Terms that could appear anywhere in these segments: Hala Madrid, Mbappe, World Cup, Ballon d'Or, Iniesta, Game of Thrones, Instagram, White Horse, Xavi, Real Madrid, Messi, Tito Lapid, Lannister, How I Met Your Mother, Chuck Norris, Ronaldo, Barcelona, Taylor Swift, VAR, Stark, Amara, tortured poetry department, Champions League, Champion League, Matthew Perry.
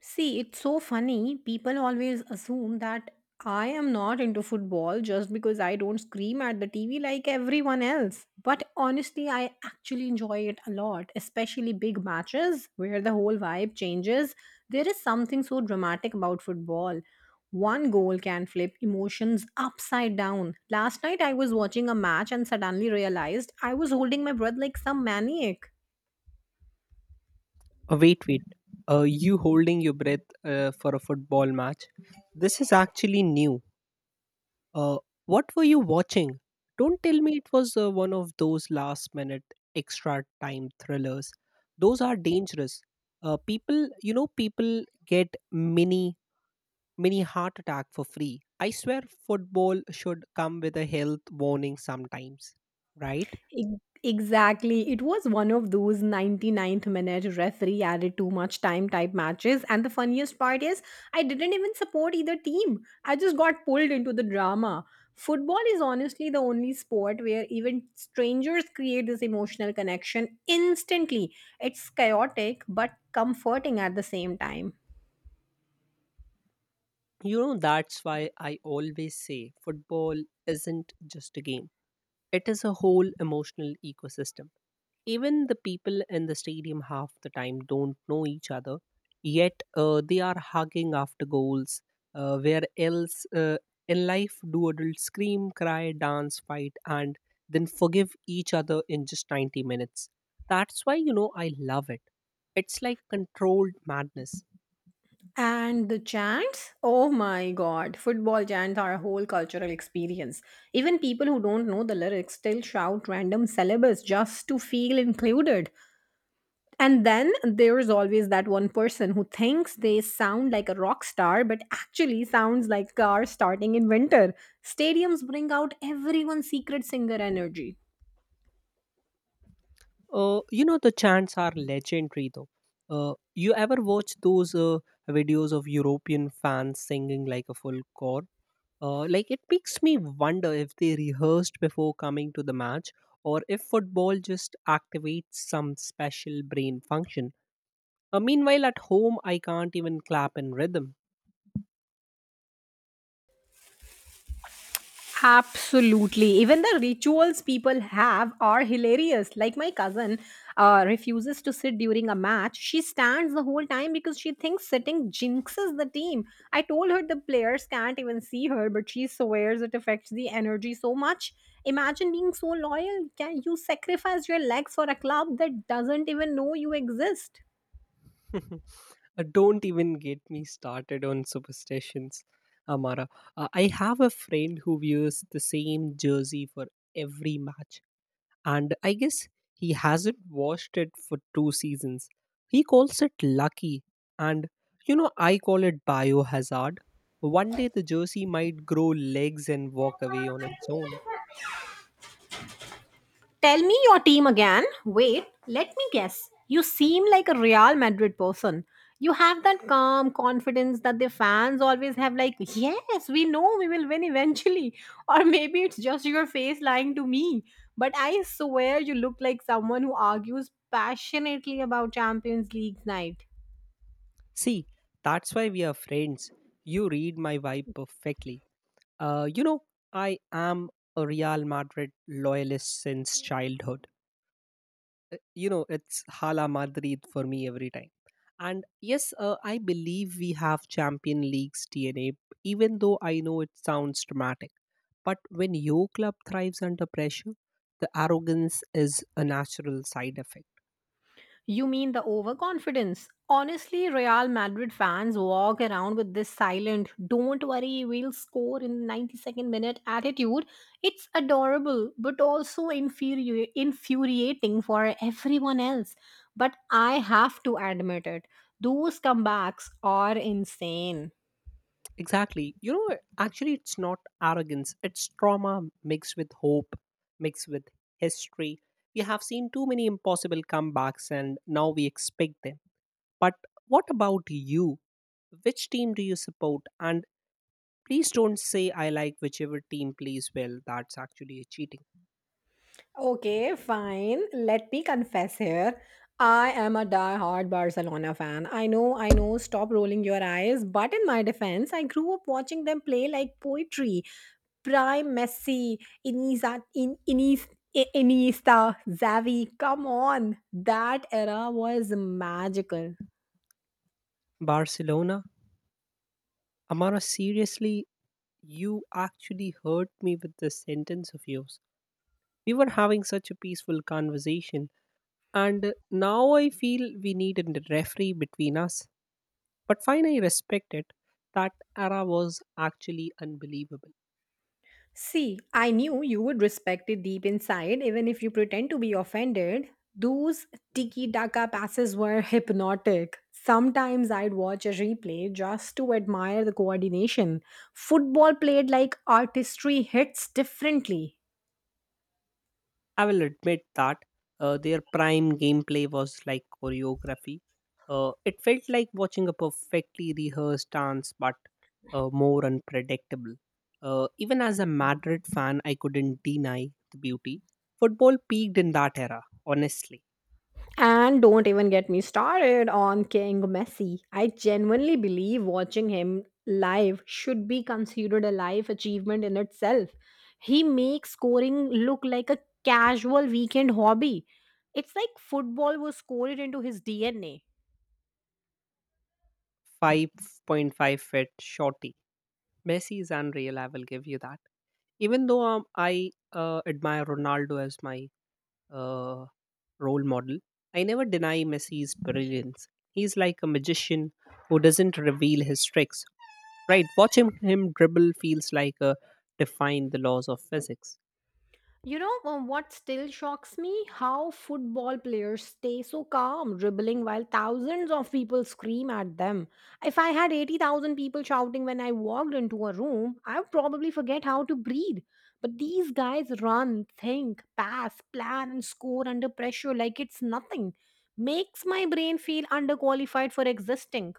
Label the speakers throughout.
Speaker 1: See, it's so funny. People always assume that I am not into football just because I don't scream at the TV like everyone else. But honestly, I actually enjoy it a lot, especially big matches where the whole vibe changes. There is something so dramatic about football. One goal can flip emotions upside down. Last night I was watching a match and suddenly realized I was holding my breath like some maniac.
Speaker 2: Wait, wait. You holding your breath for a football match? This is actually new. Uh, what were you watching? Don't tell me it was one of those last minute extra time thrillers. Those are dangerous. People get mini heart attack for free. I swear football should come with a health warning sometimes, right?
Speaker 1: Exactly. It was one of those ninety ninth minute referee added too much time type matches. And the funniest part is, I didn't even support either team. I just got pulled into the drama. Football is honestly the only sport where even strangers create this emotional connection instantly. It's chaotic but comforting at the same time.
Speaker 2: You know, that's why I always say football isn't just a game. It is a whole emotional ecosystem. Even the people in the stadium half the time don't know each other, yet they are hugging after goals. Where else in life do adults scream, cry, dance, fight, and then forgive each other in just 90 minutes? That's why, you know, I love it. It's like controlled madness.
Speaker 1: And the chants? Oh my god, football chants are a whole cultural experience. Even people who don't know the lyrics still shout random syllables just to feel included. And then there's always that one person who thinks they sound like a rock star but actually sounds like cars starting in winter. Stadiums bring out everyone's secret singer energy.
Speaker 2: You know, the chants are legendary though. You ever watch those videos of European fans singing like a full chore? It makes me wonder if they rehearsed before coming to the match or if football just activates some special brain function. Meanwhile, at home, I can't even clap in rhythm.
Speaker 1: Absolutely. Even the rituals people have are hilarious. Like my cousin refuses to sit during a match. She stands the whole time because she thinks sitting jinxes the team. I told her the players can't even see her, but she swears it affects the energy so much. Imagine being so loyal. Can you sacrifice your legs for a club that doesn't even know you exist?
Speaker 2: Don't even get me started on superstitions, Amara. I have a friend who wears the same jersey for every match, and I guess he hasn't washed it for two seasons. He calls it lucky, and you know, I call it biohazard. One day the jersey might grow legs and walk away on its own.
Speaker 1: Tell me your team again. Wait, let me guess. You seem like a Real Madrid person. You have that calm confidence that the fans always have, like, yes, we know we will win eventually. Or maybe it's just your face lying to me. But I swear you look like someone who argues passionately about Champions League night.
Speaker 2: See, that's why we are friends. You read my vibe perfectly. You know, I am a Real Madrid loyalist since childhood. You know, it's Hala Madrid for me every time. And yes, I believe we have Champion League's DNA, even though I know it sounds dramatic. But when your club thrives under pressure, the arrogance is a natural side effect.
Speaker 1: You mean the overconfidence? Honestly, Real Madrid fans walk around with this silent, don't worry, we'll score in the 92nd minute attitude. It's adorable, but also infuriating for everyone else. But I have to admit it, those comebacks are insane.
Speaker 2: Exactly. You know, actually, it's not arrogance, it's trauma mixed with hope, mixed with history. We have seen too many impossible comebacks and now we expect them. But what about you? Which team do you support? And please don't say I like whichever team plays well. That's actually a cheating.
Speaker 1: Okay, fine. Let me confess here. I am a die-hard Barcelona fan. I know, stop rolling your eyes. But in my defense, I grew up watching them play like poetry. Prime Messi, Iniesta, Iniesta, Xavi. Come on. That era was magical.
Speaker 2: Barcelona? Amara, seriously, you actually hurt me with this sentence of yours. We were having such a peaceful conversation. And now I feel we need a referee between us. But fine, I respect it. That era was actually unbelievable.
Speaker 1: See, I knew you would respect it deep inside, even if you pretend to be offended. Those tiki taka passes were hypnotic. Sometimes I'd watch a replay just to admire the coordination. Football played like artistry hits differently.
Speaker 2: I will admit that their prime gameplay was like choreography. It felt like watching a perfectly rehearsed dance, but more unpredictable. Even as a Madrid fan, I couldn't deny the beauty. Football peaked in that era, honestly.
Speaker 1: And don't even get me started on King Messi. I genuinely believe watching him live should be considered a life achievement in itself. He makes scoring look like a casual weekend hobby. It's like football was scored into his DNA.
Speaker 2: 5.5 feet short Messi is unreal. I will give you that. Even though I admire Ronaldo as my uh, role model, I never deny Messi's brilliance. He's like a magician who doesn't reveal his tricks. Right? Watching him dribble feels like a defying the laws of physics.
Speaker 1: What still shocks me? How football players stay so calm, dribbling while thousands of people scream at them. If I had 80,000 people shouting when I walked into a room, I would probably forget how to breathe. But these guys run, think, pass, plan, and score under pressure like it's nothing. Makes my brain feel underqualified for existing.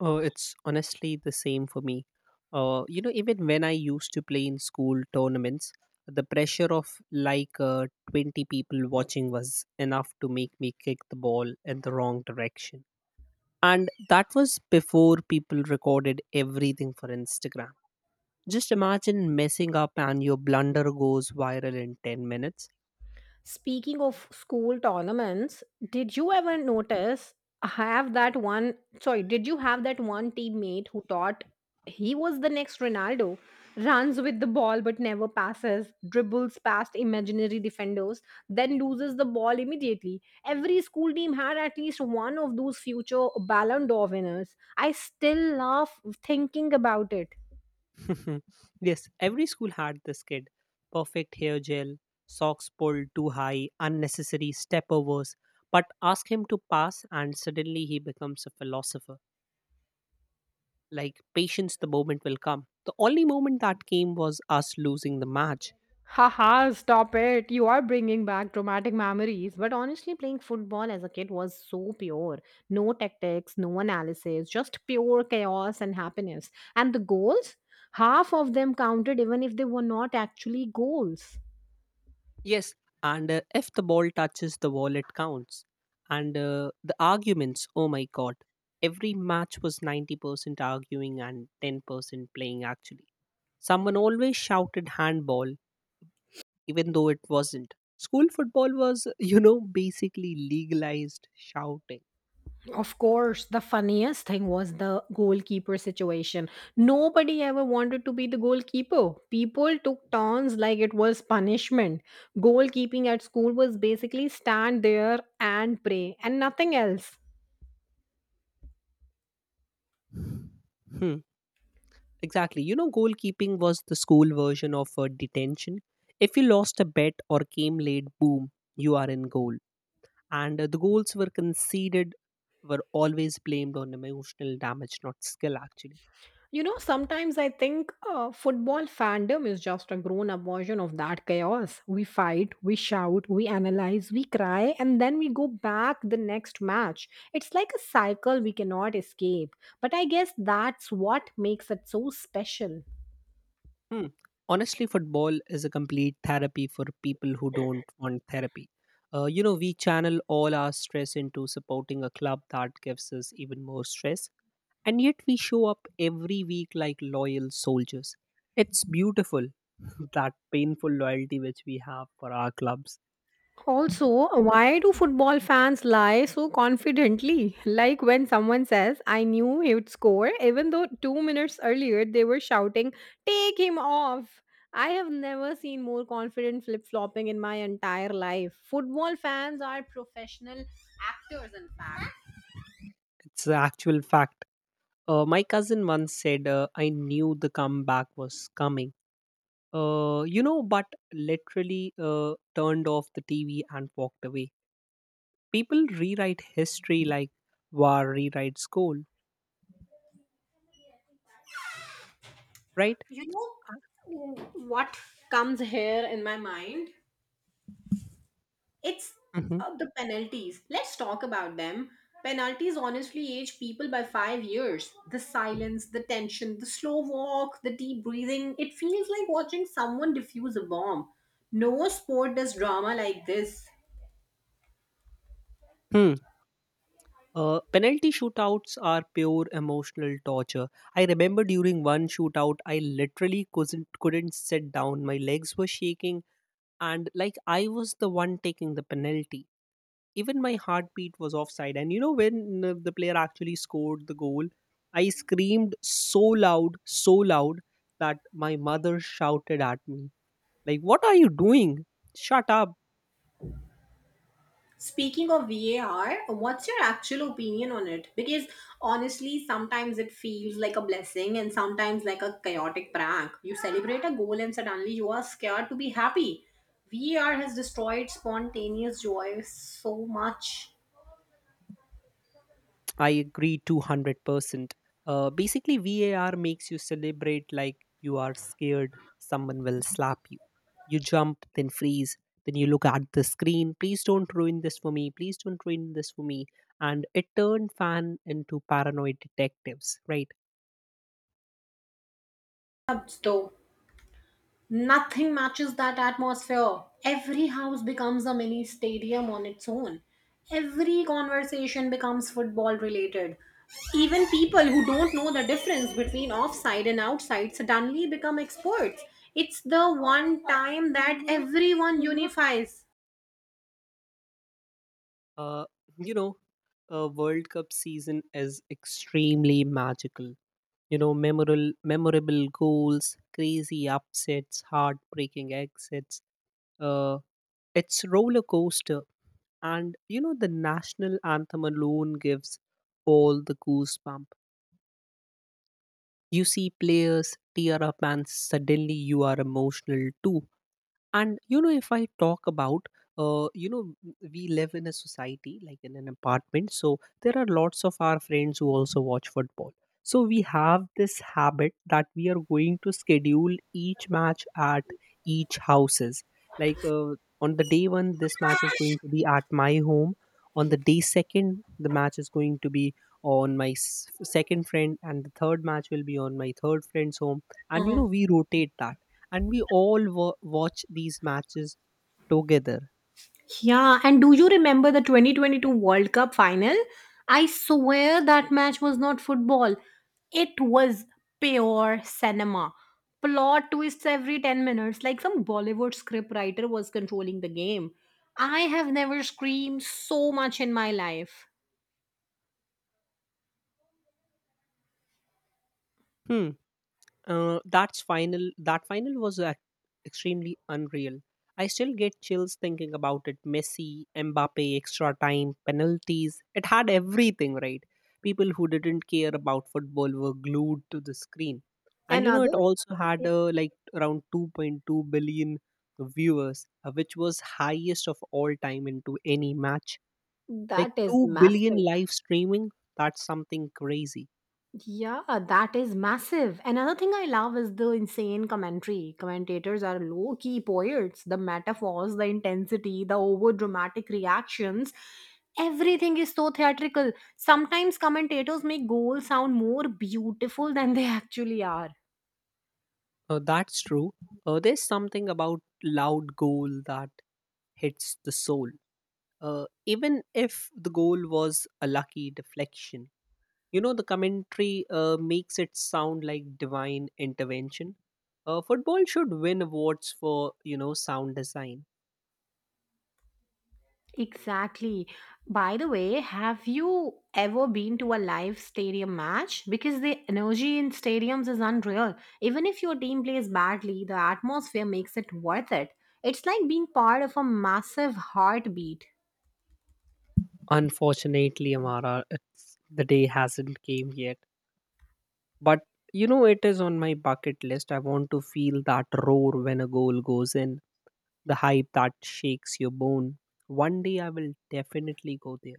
Speaker 2: Oh, it's honestly the same for me. You know, even when I used to play in school tournaments, the pressure of like 20 people watching was enough to make me kick the ball in the wrong direction. And that was before people recorded everything for Instagram. Just imagine messing up and your blunder goes viral in 10 minutes.
Speaker 1: Speaking of school tournaments, did you ever notice have that one did you have that one teammate who thought he was the next Ronaldo? Runs with the ball but never passes, dribbles past imaginary defenders, then loses the ball immediately. Every school team had at least one of those future Ballon d'Or winners. I still laugh thinking about it.
Speaker 2: Yes, every school had this kid. Perfect hair gel, socks pulled too high, unnecessary step overs. But ask him to pass, and suddenly he becomes a philosopher. Like, patience, the moment will come. The only moment that came was us losing the match.
Speaker 1: Haha, stop it. You are bringing back traumatic memories. But honestly, playing football as a kid was so pure. No tactics, no analysis, just pure chaos and happiness. And the goals? Half of them counted even if they were not actually goals.
Speaker 2: Yes, and if the ball touches the wall it counts. And the arguments, oh my god, every match was 90% arguing and 10% playing actually. Someone always shouted handball even though it wasn't. School football was, you know, basically legalized shouting.
Speaker 1: Of course, the funniest thing was the goalkeeper situation. Nobody ever wanted to be the goalkeeper. People took turns like it was punishment. Goalkeeping at school was basically stand there and pray and nothing else.
Speaker 2: Hmm, exactly. You know, goalkeeping was the school version of detention. If you lost a bet or came late, boom, you are in goal. And the goals were conceded were always blamed on emotional damage, not skill, actually.
Speaker 1: You know, sometimes I think football fandom is just a grown up version of that chaos. We fight, we shout, we analyze, we cry, and then we go back the next match. It's like a cycle we cannot escape. But I guess that's what makes it so special.
Speaker 2: Hmm. Honestly, football is a complete therapy for people who don't want therapy. You know, we channel all our stress into supporting a club that gives us even more stress. And yet we show up every week like loyal soldiers. It's beautiful, that painful loyalty which we have for our clubs.
Speaker 1: Also, why do football fans lie so confidently? Like when someone says, I knew he would score, even though 2 minutes earlier they were shouting, take him off. I have never seen more confident flip flopping in my entire life. Football fans are professional actors, in fact.
Speaker 2: It's the actual fact. My cousin once said, I knew the comeback was coming. But literally turned off the TV and walked away. People rewrite history like war rewrites goal, right?
Speaker 1: You know what comes here in my mind? It's
Speaker 2: Hmm.
Speaker 1: The penalties. Let's talk about them. Penalties honestly age people by 5 years. The silence, the tension, the slow walk, the deep breathing. It feels like watching someone defuse a bomb. No sport does drama like this.
Speaker 2: Penalty shootouts are pure emotional torture. I remember during one shootout, I literally couldn't sit down. My legs were shaking, and like I was the one taking the penalty. Even my heartbeat was offside. And you know, when the player actually scored the goal, I screamed so loud that my mother shouted at me, like, what are you doing? Shut up.
Speaker 1: Speaking of VAR, what's your actual opinion on it? Because honestly, sometimes it feels like a blessing and sometimes like a chaotic prank. You celebrate a goal and suddenly you are scared to be happy. VAR has destroyed spontaneous joy so much.
Speaker 2: I agree 200%. Basically, VAR makes you celebrate like you are scared someone will slap you. You jump, then freeze, then you look at the screen. Please don't ruin this for me. Please don't ruin this for me. And it turned fan into paranoid detectives, right?
Speaker 1: Abs- Though Nothing matches that atmosphere. Every house becomes a mini stadium on its own. Every conversation becomes football related. Even people who don't know the difference between offside and outside suddenly become experts. It's the one time that everyone unifies.
Speaker 2: Uh, you know, a World Cup season is extremely magical. You know, memorable goals, crazy upsets, heartbreaking exits, uh, it's roller coaster, and you know the national anthem alone gives all the goosebump. You see players tear up, and suddenly you are emotional too. And you know, if I talk about, uh, you know we live in a society, like in an apartment, so there are lots of our friends who also watch football. So we have this habit that we are going to schedule each match at each houses, like, on the day one this match is going to be at my home, on the day second the match is going to be on my second friend, and the third match will be on my third friend's home. And you know, we rotate that, and we all watch these matches together.
Speaker 1: Yeah, and do you remember the 2022 World Cup final? I swear that match was not football. It was pure cinema. Plot twists every 10 minutes, like some Bollywood script writer was controlling the game. I have never screamed so much in my life.
Speaker 2: Hmm. That's final. That final was extremely unreal. I still get chills thinking about it. Messi, Mbappe, extra time, penalties. It had everything, right? People who didn't care about football were glued to the screen, and you know it
Speaker 1: Another,
Speaker 2: also had
Speaker 1: yeah,
Speaker 2: like around 2.2 billion viewers, which was highest of all time into any match. Like
Speaker 1: that is
Speaker 2: 2 billion
Speaker 1: massive.
Speaker 2: live streaming, that's something crazy.
Speaker 1: Yeah, that is massive. Another thing I love is the insane commentary. Commentators are low key poets. The metaphors, the intensity, the over dramatic reactions, everything is so theatrical. Sometimes commentators make goals sound more beautiful than they actually are.
Speaker 2: That's true. There's something about loud goal that hits the soul, even if the goal was a lucky deflection. You know, the commentary makes it sound like divine intervention. Football should win awards for, you know, sound design.
Speaker 1: Exactly. By the way, have you ever been to a live stadium match? Because the energy in stadiums is unreal. Even if your team plays badly, the atmosphere makes it worth it. It's like being part of a massive heartbeat.
Speaker 2: Unfortunately, Amara, it's, the day hasn't came yet. But you know, it is on my bucket list. I want to feel that roar when a goal goes in, the hype that shakes your bone. One day I will definitely go there.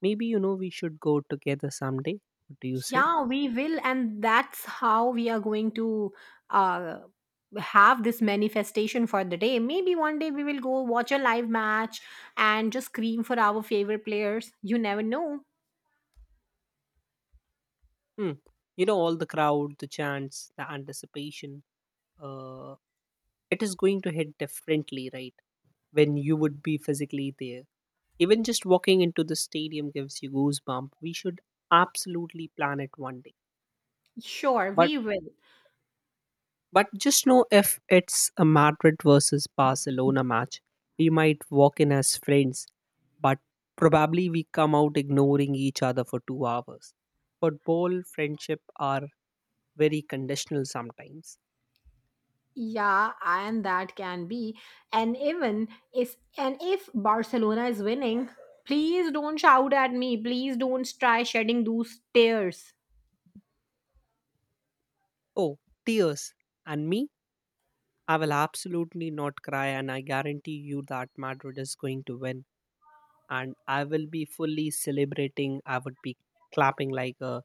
Speaker 2: Maybe, you know, we should go together someday. What do you say?
Speaker 1: Yeah, we will, and that's how we are going to uh, have this manifestation for the day. Maybe one day we will go watch a live match and just scream for our favorite players. You never know.
Speaker 2: Hmm. You know, all the crowd, the chants, the anticipation, uh, it is going to hit differently, right? When you would be physically there. Even just walking into the stadium gives you goosebump. We should absolutely plan it one day.
Speaker 1: Sure,
Speaker 2: But
Speaker 1: we will.
Speaker 2: But just know if it's a Madrid versus Barcelona match, we might walk in as friends, but probably we come out ignoring each other for two hours. Football friendship are very conditional sometimes.
Speaker 1: Yeah, and that can be. And even and if Barcelona is winning, please don't shout at me. Please don't try shedding those tears.
Speaker 2: Oh, tears. And me? I will absolutely not cry, and I guarantee you that Madrid is going to win. And I will be fully celebrating. I would be clapping like a,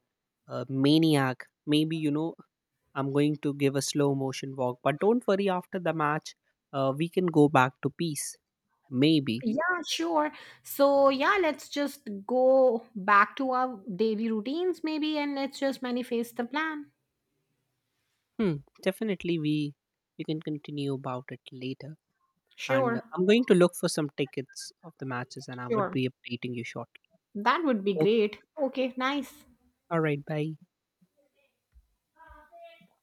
Speaker 2: a maniac. Maybe, you know, I'm going to give a slow motion walk. But don't worry, after the match, we can go back to peace. Maybe.
Speaker 1: Yeah, sure. So yeah, let's just go back to our daily routines maybe and let's just manifest the plan.
Speaker 2: Hmm, definitely, we can continue about it later. And
Speaker 1: Sure,
Speaker 2: I'm going to look for some tickets of the matches, and I would
Speaker 1: sure.
Speaker 2: be updating you shortly.
Speaker 1: That would be
Speaker 2: Okay.
Speaker 1: great. Okay, nice.
Speaker 2: All right. Bye.